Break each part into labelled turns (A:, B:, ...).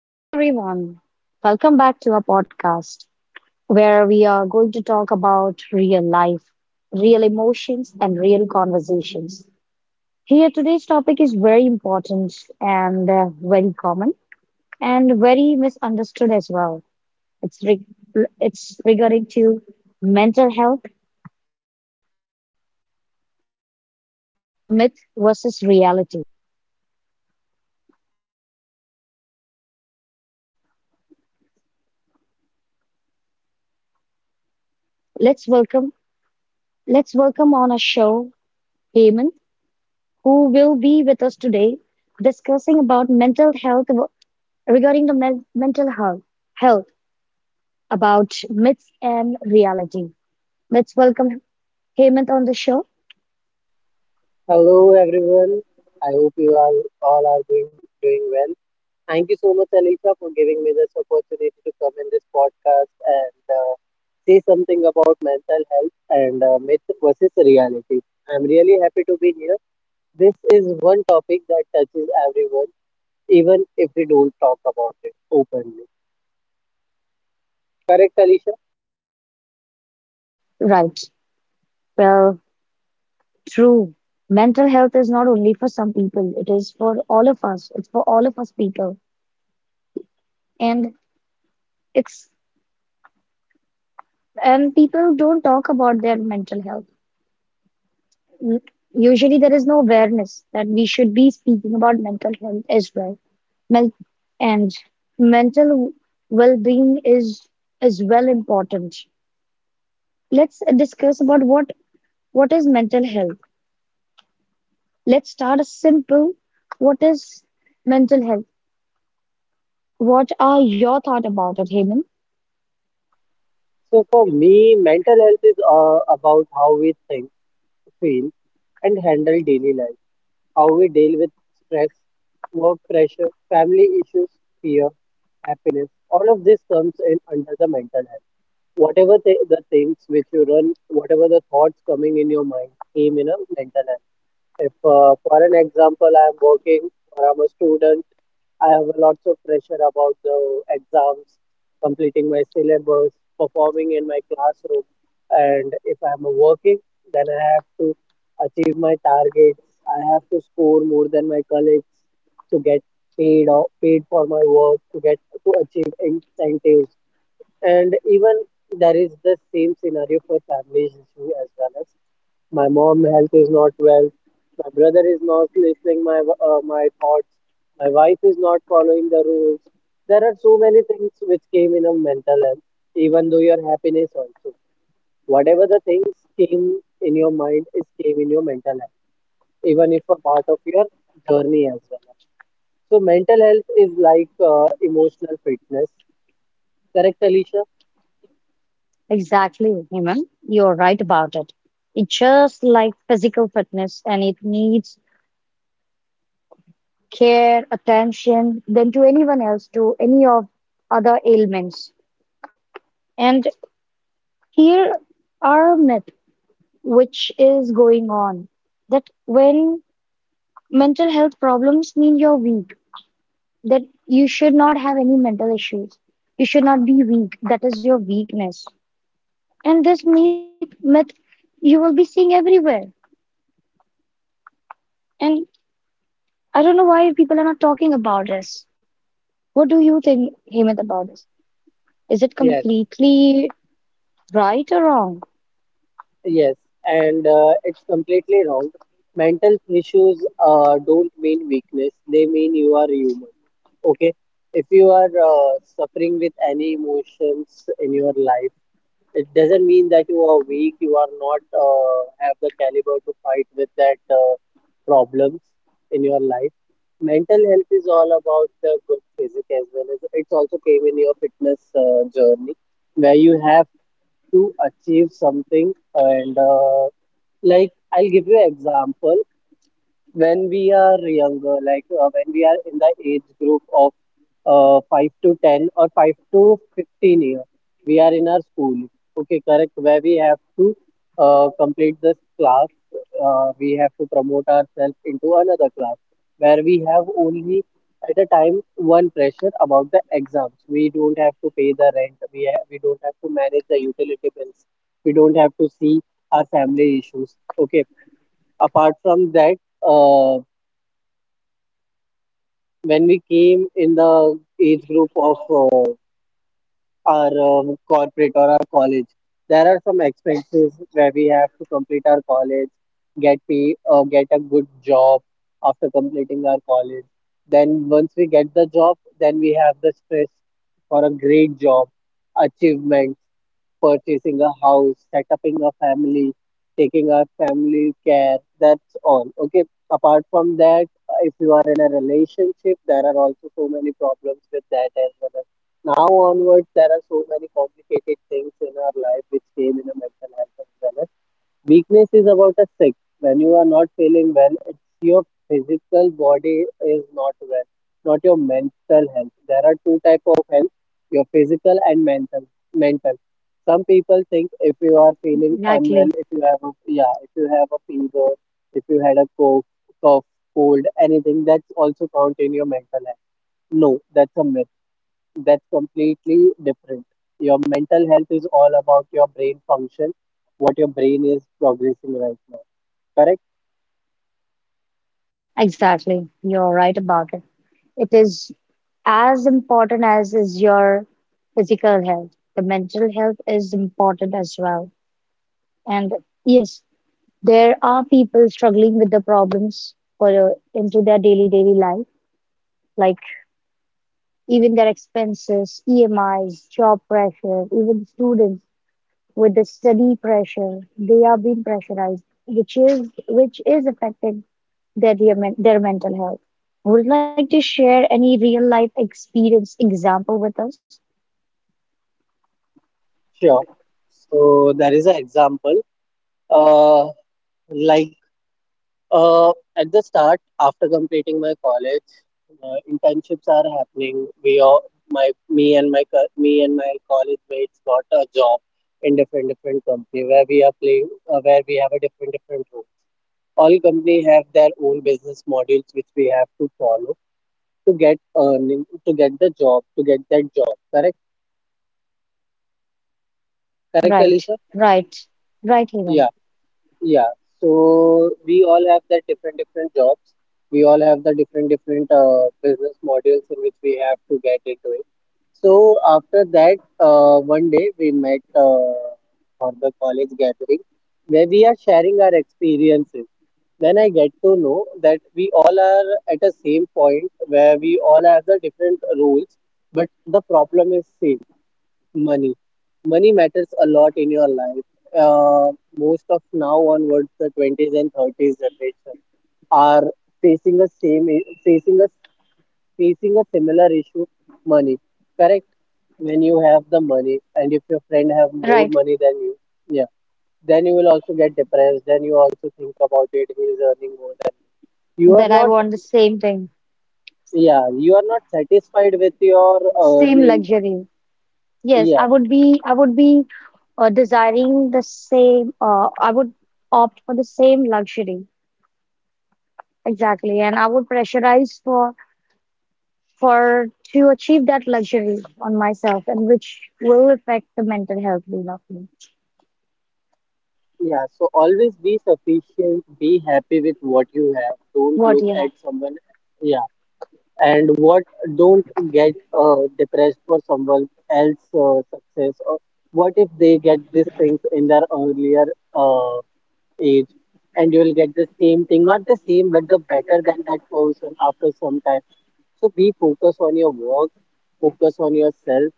A: Hello, everyone. Welcome back to our podcast where we are going to talk about real life, real emotions, and real conversations. Here, today's topic is very important and very common and very misunderstood as well. It's, re- it's regarding to mental health, myth versus reality. Let's welcome, let's welcome on our show, Hemant, who will be with us today discussing about mental health regarding the mental health, about myths and reality. Let's welcome Hemant on the show.
B: Hello everyone. I hope you all are doing well. Thank you so much, Alicia, for giving me this opportunity to come in this podcast and say something about mental health and myth versus reality. I'm really happy to be here. This is one topic that touches everyone, even if we don't talk about it openly. Correct, Alicia?
A: Right. Well, true. Mental health is not only for some people, it is for all of us. It's for all of us people. And it's and people don't talk about their mental health. U- Usually there is no awareness that we should be speaking about mental health as well. Men- and mental well-being is well important. Let's discuss about what is mental health. Let's start simple. What is mental health? What are your thought about it, Hemant?
B: So for me, mental health is about how we think, feel, and handle daily life, how we deal with stress, work pressure, family issues, fear, happiness. All of this comes in under the mental health. Whatever the things which you run, whatever the thoughts coming in your mind came in a mental health. If, for an example, I am working or I'm a student, I have lots of pressure about the exams, completing my syllabus, performing in my classroom, and if I'm working, then I have to achieve my targets. I have to score more than my colleagues to get paid for my work to get to achieve incentives. And even there is the same scenario for families issue as well. My mom health is not well, my brother is not listening my my thoughts, my wife is not following the rules. There are so many things which came in a mental health, even though your happiness also, whatever the things came in your mind is came in your mental health, even if a part of your journey as well. So mental health is like emotional fitness, correct, Alicia?
A: Exactly, Hemant. You're right about it. It's just like physical fitness and it needs care, attention than to anyone else, to any of other ailments. And here are myth which is going on that when mental health problems mean you're weak, that you should not have any mental issues. You should not be weak. That is your weakness. And this myth you will be seeing everywhere. And I don't know why people are not talking about this. What do you think, Hemant, about this? Is it
B: Yes.
A: completely right or wrong?
B: Yes, and it's completely wrong. Mental issues don't mean weakness, they mean you are human. Okay, if you are suffering with any emotions in your life, it doesn't mean that you are weak, you are not have the caliber to fight with that problems in your life. Mental health is all about the good physique as well as it's also came in your fitness journey where you have to achieve something and like, I'll give you an example. When we are younger, like when we are in the age group of 5 to 10 or 5 to 15 years, we are in our school, okay, correct, where we have to complete this class, we have to promote ourselves into another class where we have only at a time one pressure about the exams. We don't have to pay the rent, we, we don't have to manage the utility bills, we don't have to see our family issues. Okay. Apart from that, uh, when we came in the age group of our corporate or our college, there are some expenses where we have to complete our college, get pay, get a good job after completing our college. Then once we get the job, then we have the stress for a great job, achievement, purchasing a house, setting a family, taking our family care. That's all. Okay. Apart from that, if you are in a relationship, there are also so many problems with that as well. Now onwards, there are so many complicated things in our life which came in a mental health as well. Weakness is about a sick. When you are not feeling well, it's your physical body is not well, not your mental health. There are two type of health, your physical and mental. Mental. Some people think if you are feeling unwell,
A: Exactly,
B: if you have a, yeah, if you have a fever, if you had a cough, cold, anything, that's also count in your mental health. No, that's a myth, that's completely different. Your mental health is all about your brain function, what your brain is progressing right now. Correct?
A: exactly. You're right about it. It is as important as is your physical health. The mental health is important as well. And yes, there are people struggling with the problems for into their daily life, like even their expenses, EMIs, job pressure, even students with the study pressure, they are being pressurized, which is affecting their mental health. Would you like to share any real life experience example with us?
B: Sure. So there is an example. Uh, like uh, at the start, after completing my college, internships are happening. We all, my me and my co- me and my college mates got a job in different different company where we are playing where we have a different different role. All company have their own business models which we have to follow to get earning, to get the job, to get that job, correct, correct,
A: Right,
B: Alisha?
A: right, right, Hemant.
B: Yeah. Yeah, so we all have the different different jobs, we all have the different different business models in which we have to get into it. So after that, one day we met for the college gathering where we are sharing our experiences. Then I get to know that we all are at a same point where we all have the different roles, but the problem is same. Money. Money matters a lot in your life. uh, most of now onwards the 20s and 30s generation are facing the facing a facing a similar issue. Money. Correct? When you have the money and if your friend have more
A: Right.
B: money than you, yeah, then you will also get depressed, then you also think about it, he is earning more than you. You are
A: Then I
B: not,
A: want the same thing,
B: yeah, you are not satisfied with your
A: same
B: earning.
A: luxury. Yes,
B: Yeah.
A: I would be desiring the same. I would opt for the same luxury, exactly, and I would pressurize for to achieve that luxury on myself, and which will affect the mental health being of me.
B: Yeah, so always be sufficient, be happy with what you have. Don't
A: What do
B: look
A: you
B: at
A: have?
B: someone, yeah, and what, don't get depressed for someone else success, or what if they get these things in their earlier uh, age, and you will get the same thing, not the same, but the better than that person after some time. So be focused on your work, focus on yourself,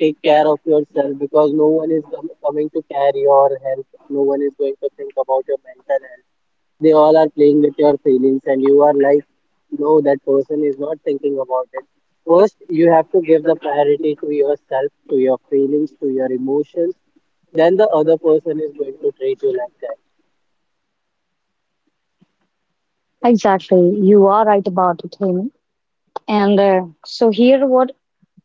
B: take care of yourself because no one is coming to carry your health. No one is going to think about your mental health. They all are playing with your feelings, and you are like, no, that person is not thinking about it. First, you have to give the priority to yourself, to your feelings, to your emotions. Then the other person is going to treat you like that.
A: Exactly. You are right about it, Hemi. And so here what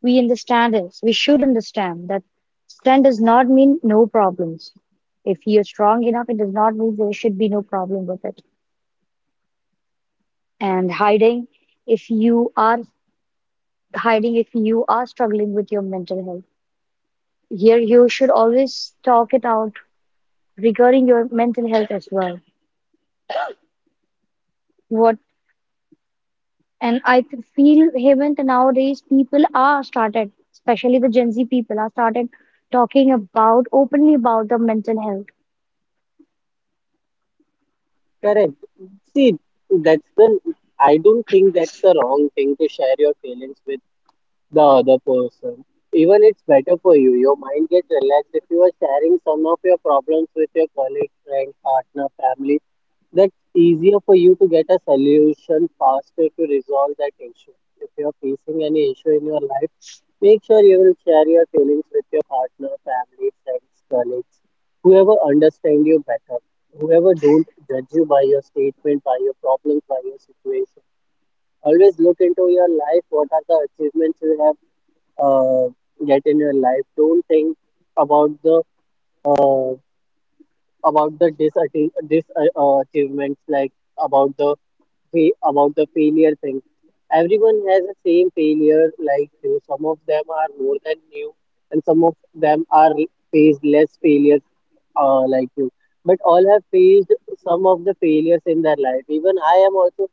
A: we understand is we should understand that strength does not mean no problems. If you're strong enough, it does not mean there should be no problem with it. And if you are hiding, if you are struggling with your mental health, here you should always talk it out regarding your mental health as well. What, and I feel, Hemant, nowadays people are started, especially the Gen Z people are started talking about openly about the mental health.
B: Correct. See, that's the. I don't think that's a wrong thing to share your feelings with the other person. Even it's better for you. Your mind gets relaxed if you are sharing some of your problems with your colleague, friend, partner, family. That's easier for you to get a solution faster to resolve that issue. If you are facing any issue in your life, make sure you will share your feelings with your partner, family, friends, colleagues, whoever understand you better, whoever don't judge you by your statement, by your problems, by your situation. Always look into your life, what are the achievements you have uh, get in your life. Don't think about the uh, about the disatti- dis achievements, like about the about the failure thing. Everyone has the same failure like you. Some of them are more than you, and some of them are face less failure like you, but all have faced some of the failures in their life. Even I am also,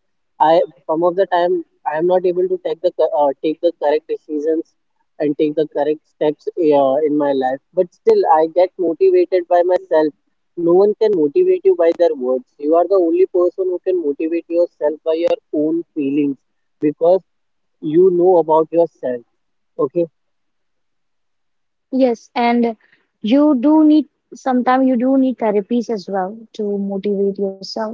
B: I some of the time I am not able to take the take the correct decisions and take the correct steps in my life, but still I get motivated by myself. No one can motivate you by their words. You are the only person who can motivate yourself by your own feelings, because you know about yourself. Okay.
A: Yes, and you do need sometimes you do need therapies as well to motivate yourself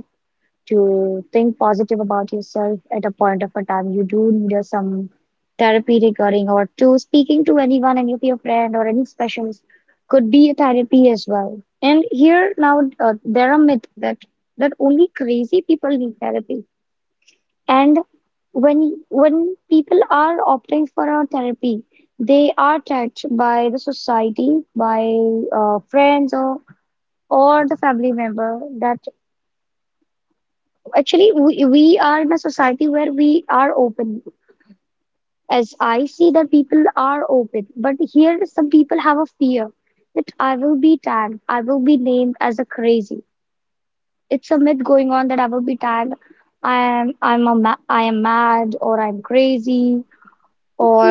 A: to think positive about yourself at a point of a time. You do need some therapy regarding or to speaking to anyone, any of your friend or any specialist could be a therapy as well. And here now there are myth that only crazy people need therapy. And when people are opting for a therapy, they are touched by the society, by friends or the family member that actually, we are in a society where we are open. As I see that people are open, but here some people have a fear that I will be tagged, I will be named as a crazy. It's a myth going on that I will be tagged. I am mad or I'm crazy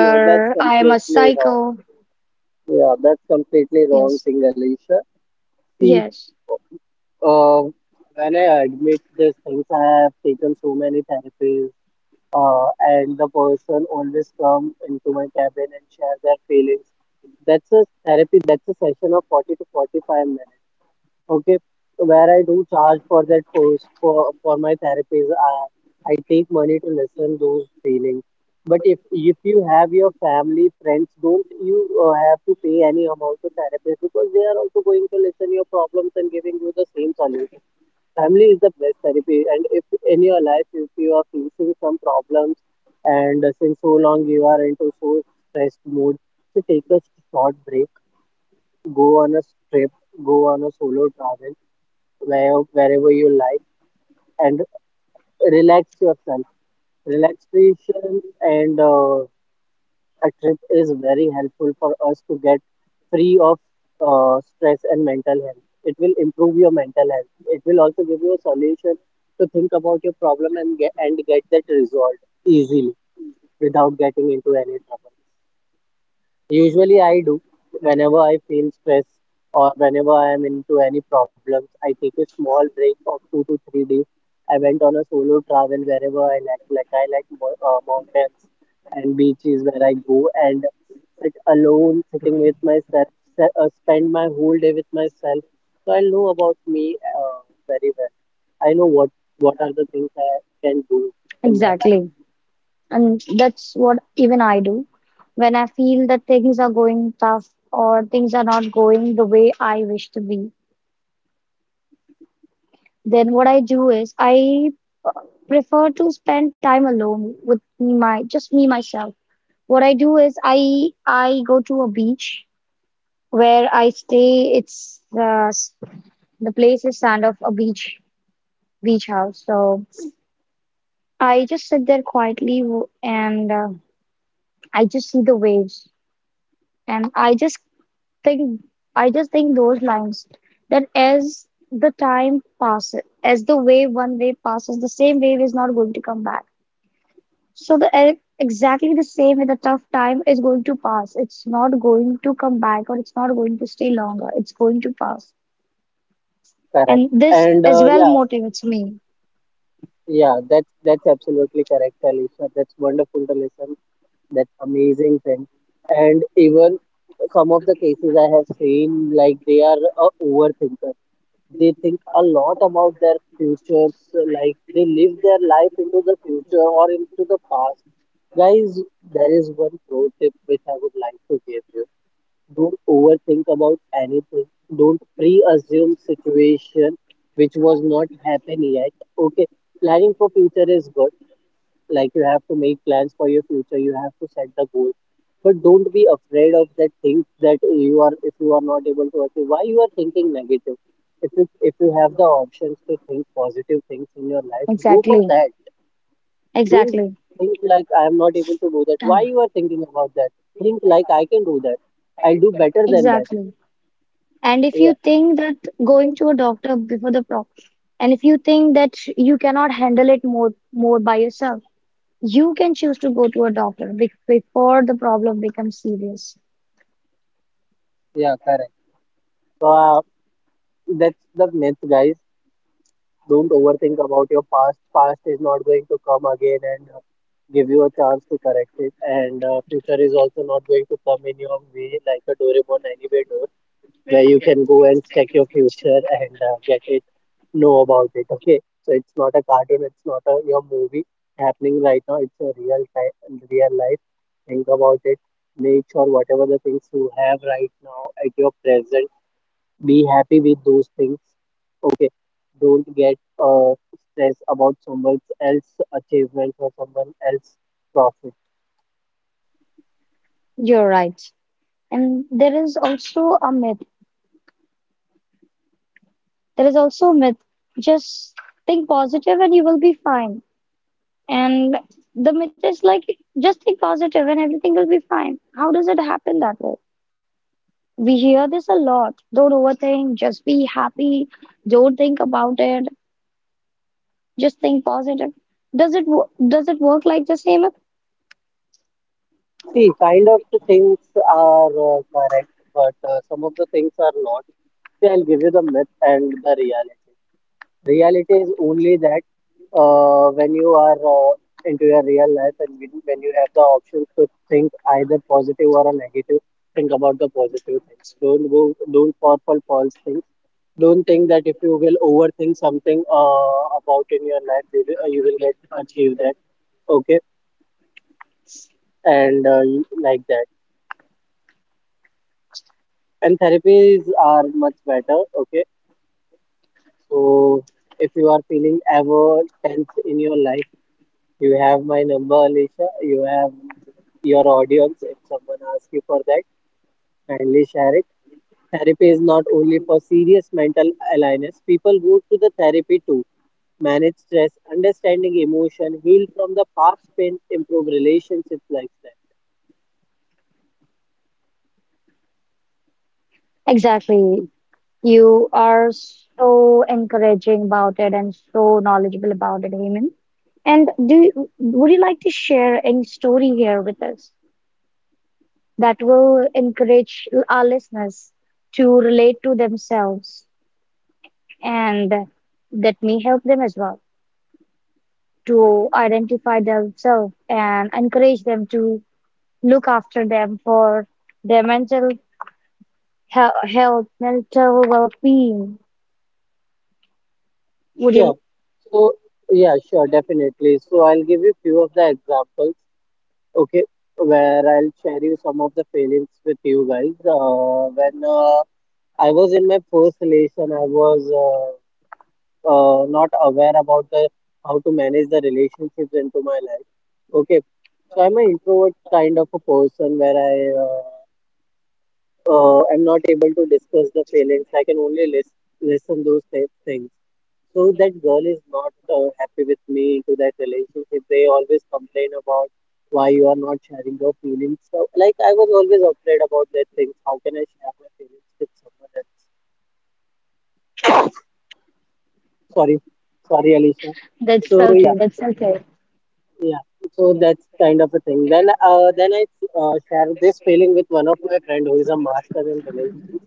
B: No, that's
A: I am a
B: completely wrong
A: psycho.
B: thing. Yeah, that's completely wrong
A: Yes,
B: thing, Alicia. See.
A: yes,
B: Uh, when I admit these things, I have taken so many therapies, and the person always come into my cabin and share their feelings. That's a therapy. That's a session of 40 to 45 minutes. Okay, where I do charge for that post for my therapies. I take money to listen those feelings. But if you have your family, friends, don't you have to pay any amount to therapists, because they are also going to listen your problems and giving you the same solution. Family is the best therapy. And if in your life if you are facing some problems and since so long you are into so stressed mood, so take a short break, go on a trip, go on a solo travel, where, wherever you like, and relax yourself. Relaxation and a trip is very helpful for us to get free of stress and mental health. It will improve your mental health. It will also give you a solution to think about your problem and get that resolved easily without getting into any trouble. Usually, I do. Whenever I feel stress or whenever I am into any problems, I take a small break of 2 to 3 days. I went on a solo travel wherever I like I like mountains and beaches, where I go and sit alone, sitting with myself, spend my whole day with myself. So I know about me very well. I know what are the things I can do in my life.
A: exactly. And that's what even I do. When I feel that things are going tough or things are not going the way I wish to be, then what I do is I uh, prefer to spend time alone with me, my just me myself. What I do is I go to a beach where I stay. The place is sand of a beach house. So I just sit there quietly and I just see the waves and I just think think those lines that as the time passes, as the wave one wave passes, the same wave is not going to come back. So exactly the same with a tough time is going to pass. It's not going to come back or it's not going to stay longer. It's going to pass.
B: Correct.
A: And this
B: And
A: as
B: uh,
A: well
B: yeah,
A: motivates me.
B: Yeah, that's absolutely correct, Alisha. That's wonderful to listen. That's amazing thing. And even some of the cases I have seen, like they are a overthinker. They think a lot about their futures, like they live their life into the future or into the past. Guys, there is one pro tip which I would like to give you. Don't overthink about anything. Don't pre-assume situation which was not happen yet. Okay, planning for future is good, like you have to make plans for your future, you have to set the goal, but don't be afraid of that things that you are, if you are not able to achieve, why you are thinking negative? If you have the options to think positive things in your life, go for
A: Exactly.
B: that. Don't
A: Exactly.
B: think like I am not able to do that. Why
A: Done.
B: you are thinking about that? Think like I can do that. I'll do better than that.
A: Exactly. And if you
B: Yeah,
A: think that going to a doctor before the pro, and if you think that you cannot handle it more by yourself, you can choose to go to a doctor be before the problem becomes serious.
B: yeah, correct. So that's the myth, guys. Don't overthink about your past. Past is not going to come again and give you a chance to correct it. And future is also not going to come in your way like a Doraemon anyway door, where you can go and check your future and get it, know about it. Okay, so it's not a cartoon. It's not a your movie happening right now. It's a real time, real life. Think about it. Make sure whatever the things you have right now at your present, be happy with those things. Okay. Don't get stressed about someone else's achievement or someone else's profit.
A: You're right. And there is also a myth. There is also a myth. Just think positive and you will be fine. And the myth is like, just think positive and everything will be fine. How does it happen that way? We hear this a lot. Don't overthink. Just be happy. Don't think about it. Just think positive. Does it work like the same?
B: See, kind of the things are correct, but some of the things are not. See, I'll give you the myth and the reality. Reality is only that, when you are into your real life, and when you have the options to think either positive or a negative, think about the positive things. Don't go, don't fall for false things. Don't think that if you will overthink something about in your life they will, you will get achieve that. Okay. And you- like that. And therapies are much better. Okay. So if you are feeling ever tense in your life, you have my number, Alicia. You have your audience. If someone asks you for that, kindly share it. Therapy is not only for serious mental illness people. Go to the therapy too. Manage stress, understanding emotion, heal from the past pain, improve relationships, like that.
A: Exactly. You are so encouraging about it and so knowledgeable about it, Hemant. And would you like to share any story here with us that will encourage our listeners to relate to themselves and that may help them as well to identify themselves and encourage them to look after them for their health, mental well-being? Would
B: Sure.
A: you?
B: So yeah, sure, definitely. So I'll give you few of the examples, okay, where I'll share you some of the feelings with you guys. When I was in my first relation, I was not aware about the how to manage the relationships into my life. Okay, so I'm an introvert kind of a person where I uh, I'm not able to discuss the feelings. I can only listen those things. So that girl is not happy with me into that relationship. They always complain about why you are not sharing your feelings. So like I was always afraid about that thing. How can I share my feelings with someone else? Sorry, sorry, Alicia.
A: That's
B: So yeah,
A: okay. That's okay.
B: yeah. So that's kind of a thing. Then I share this feeling with one of my friend who is a master in relations.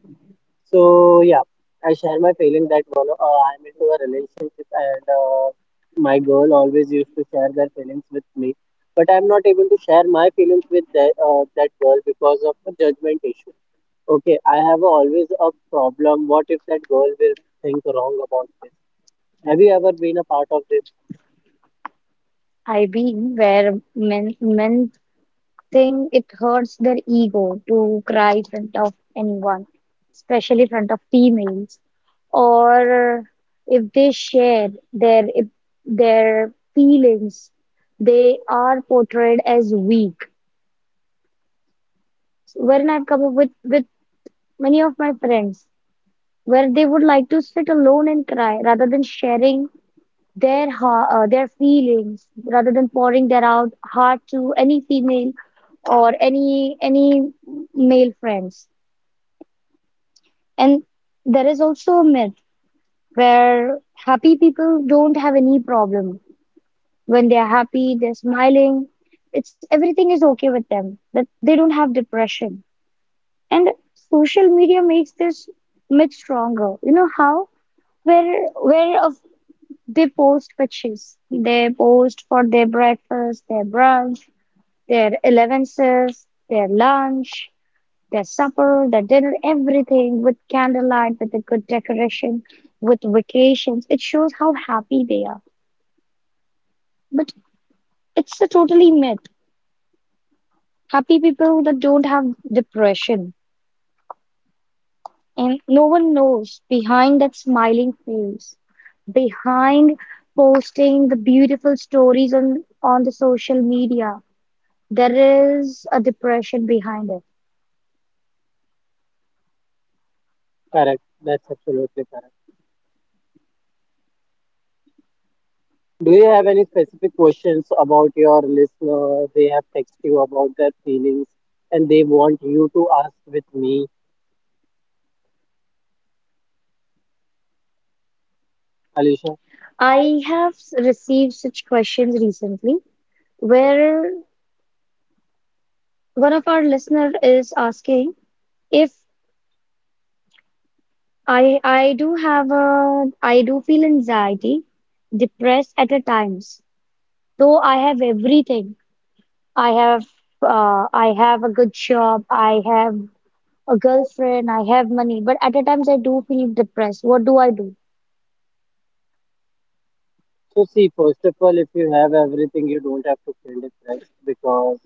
B: So yeah, I share my feeling that one, I'm into a relationship and my girl always used to share their feelings with me, but I'm not able to share my feelings with that that girl because of a judgment issue. Okay, I have always a problem. What if that girl will think wrong about this? Have you ever been a part of this?
A: I've been where men think it hurts their ego to cry in front of anyone, especially in front of females, or if they share their if their feelings, they are portrayed as weak. Wherein I've come up with many of my friends where they would like to sit alone and cry rather than sharing their feelings rather than pouring their out heart to any female or any male friends. And there is also a myth where happy people don't have any problem. When they are happy, they're smiling. It's everything is okay with them, that they don't have depression. And social media makes this myth stronger, you know how, where where of they post pictures, they post for their breakfast, their brunch, their elevences, their lunch, their supper, their dinner, everything with candlelight, with a good decoration, with vacations. It shows how happy they are. But it's a totally myth. Happy people that don't have depression. And no one knows behind that smiling face, behind posting the beautiful stories on the social media, there is a depression behind it.
B: Correct. That's absolutely correct. Do you have any specific questions about your listener? They have texted you about their feelings and they want you to ask with me, Alisha.
A: I have received such questions recently where one of our listener is asking, if I I do have a I do feel anxiety, depressed at a times. Though I have everything. I have I have a good job, I have a girlfriend, I have money, but at a times I do feel depressed. What do I do?
B: So see, first of all, if you have everything, you don't have to feel depressed, because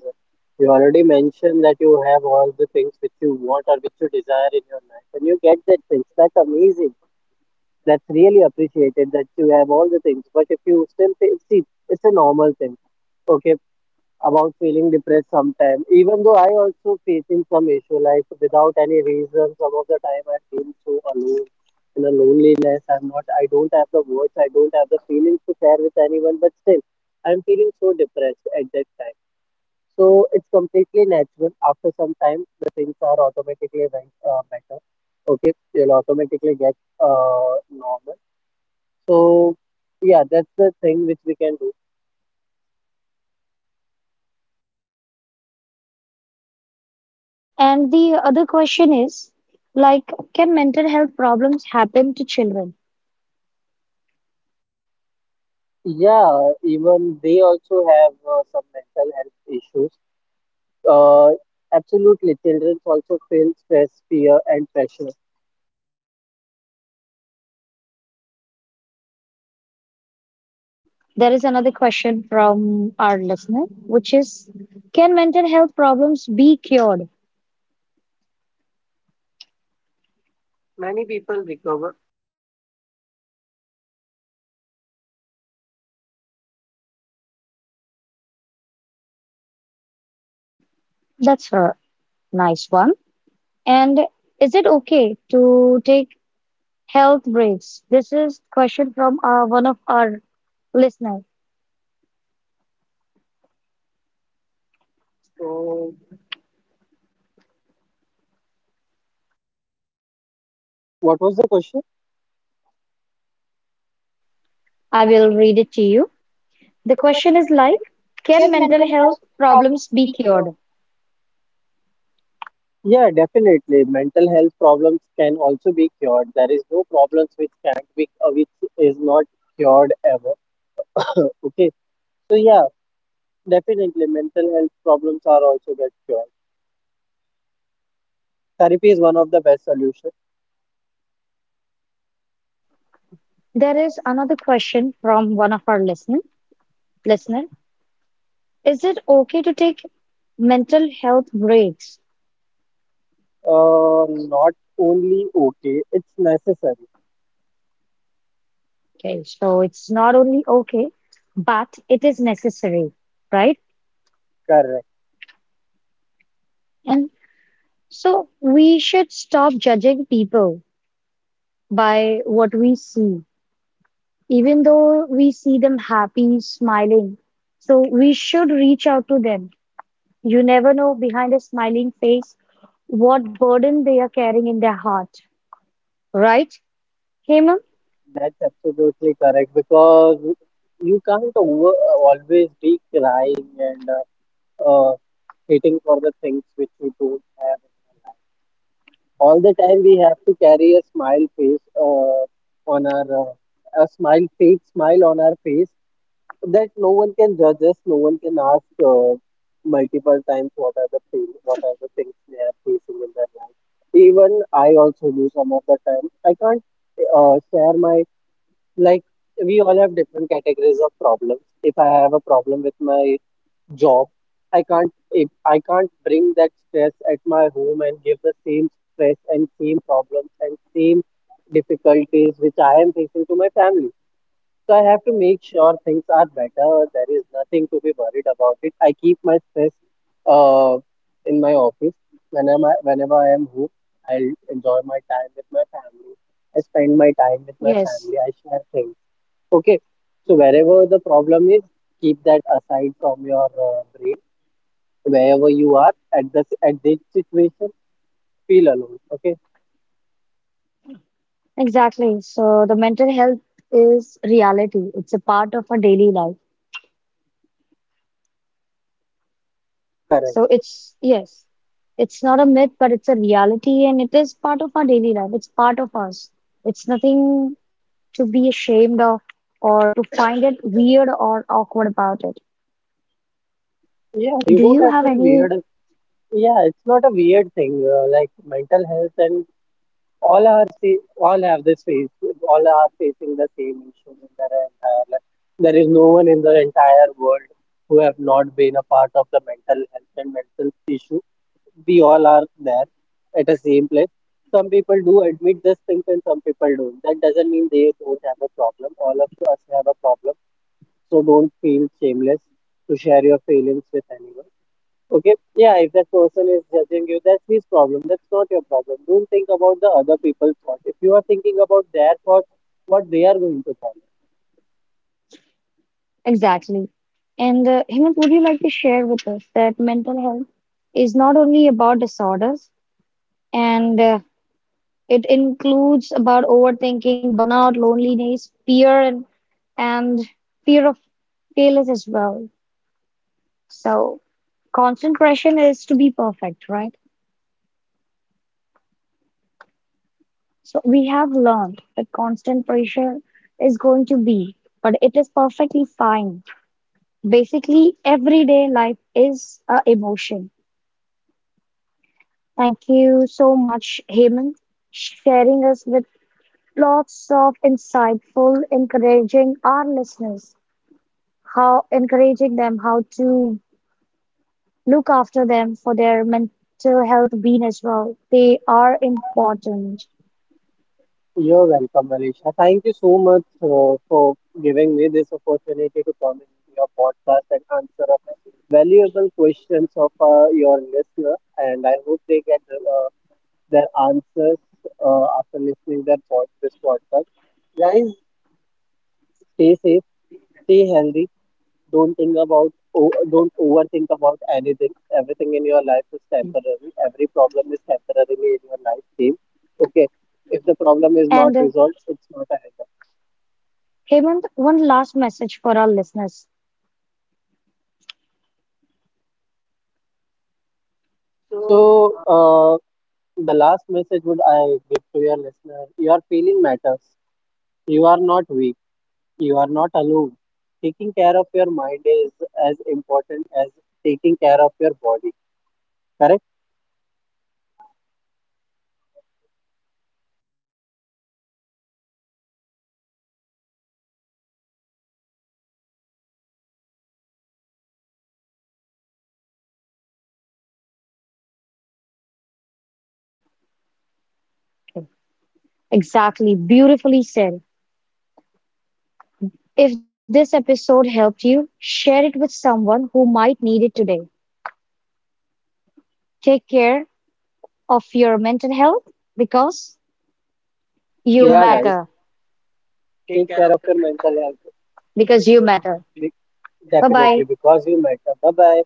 B: you already mentioned that you have all the things which you want or which you desire in your life, and you get that things. That's amazing. That's really appreciated that you have all the things. But if you still feel, see, it's a normal thing. Okay, about feeling depressed sometimes. Even though I also facing some issue like without any reason, some of the time I feel so alone in a loneliness. I don't have the words, I don't have the feelings to share with anyone, but still I'm feeling so depressed at that time. So it's completely natural. After some time the things are automatically went, better. Okay, you'll automatically get normal. So yeah, that's the thing which we can do.
A: And the other question is like, can mental health problems happen to children?
B: Yeah, even they also have some mental health issues. Uh, absolutely, children also feel stress, fear, and pressure.
A: There is another question from our listener, which is, can mental health problems be cured? That's a nice one. And is it okay to take health breaks? This is question from one of our listeners.
B: What was the question?
A: I will read it to you. The question is like, can mental health problems be cured?
B: Yeah, definitely. Mental health problems can also be cured. There is no problems which can't be, which is not cured ever. Okay, so yeah, definitely, mental health problems are also get cured. Therapy is one of the best solutions.
A: There is another question from one of our listener. Is it okay to take mental health breaks?
B: Not only okay, it's necessary.
A: Okay, so it's not only okay, but it is necessary, right?
B: Correct.
A: And so we should stop judging people by what we see, even though we see them happy, smiling. So we should reach out to them. You never know behind a smiling face what burden they are carrying in their heart, right, Hemant?
B: That's absolutely correct, because you can't over, always be crying and uh, uh, hitting for the things which you don't have. All the time we have to carry a smile face on our a smile fake smile on our face, that no one can judge us. No one can ask multiple times what are the pain, what are the things they are facing in their life. Even I also do some of the time. I can't share my, like, we all have different categories of problems. If I have a problem with my job, I can't if I can't bring that stress at my home and give the same stress and same problems and same difficulties which I am facing to my family, so I have to make sure things are better. There is nothing to be worried about it. I keep my stress uh, in my office. Whenever I am home, I'll enjoy my time with my family. I spend my time with my
A: Yes,
B: family, I share things. Okay, so wherever the problem is, keep that aside from your brain. Wherever you are at this situation, feel alone. Okay,
A: exactly. So the mental health is reality. It's a part of our daily life.
B: correct.
A: So it's, yes, it's not a myth, but it's a reality and it is part of our daily life. It's part of us. It's nothing to be ashamed of or to find it weird or awkward about it.
B: Yeah, you
A: Do
B: don't
A: you
B: have
A: have
B: to be
A: any
B: weird. Yeah, it's not a weird thing. Like mental health and all are all have this face. All are facing the same issues in their entire life. There is no one in the entire world who have not been a part of the mental health and mental issues. We all are there at the same place. Some people do admit these things and some people don't. That doesn't mean they don't have a problem. All of us have a problem. So don't feel shameless to share your feelings with anyone. Okay? Yeah, if that person is judging you, that's his problem. That's not your problem. Don't think about the other people's thoughts. If you are thinking about their thoughts, what they are going to thought.
A: exactly? And Hemant, would you like to share with us that mental health is not only about disorders and it includes about overthinking, burnout, loneliness, fear, and and fear of failure as well. So, constant pressure is to be perfect, right? So we have learned that constant pressure is going to be, but it is perfectly fine. Basically, everyday life is a emotion. Thank you so much, Hemant, sharing us with lots of insightful, encouraging our listeners, how encouraging them how to look after them for their mental health being as well. They are important.
B: You're welcome, Alicia. Thank you so much for giving me this opportunity to come in your podcast and answer valuable questions of your listener, and I hope they get their answers after listening their this podcast. Guys, stay safe, stay healthy. Don't think about, don't overthink about anything. Everything in your life is temporary. Every problem is temporarily in your life, Team. Okay, if the problem is not
A: And,
B: resolved, it's not a hang up.
A: Hemant, one last message for our listeners.
B: So, the last message would I give to your listener: your feeling matters. You are not weak. You are not alone. Taking care of your mind is as important as taking care of your body. Correct?
A: Exactly, beautifully said. If this episode helped you, share it with someone who might need it today. Take care of your mental health because you
B: Yeah, guys. Matter.
A: matter.
B: Take care of your mental health.
A: Because you matter.
B: Be-
A: Bye
B: Definitely,
A: bye.
B: because you matter. Bye bye.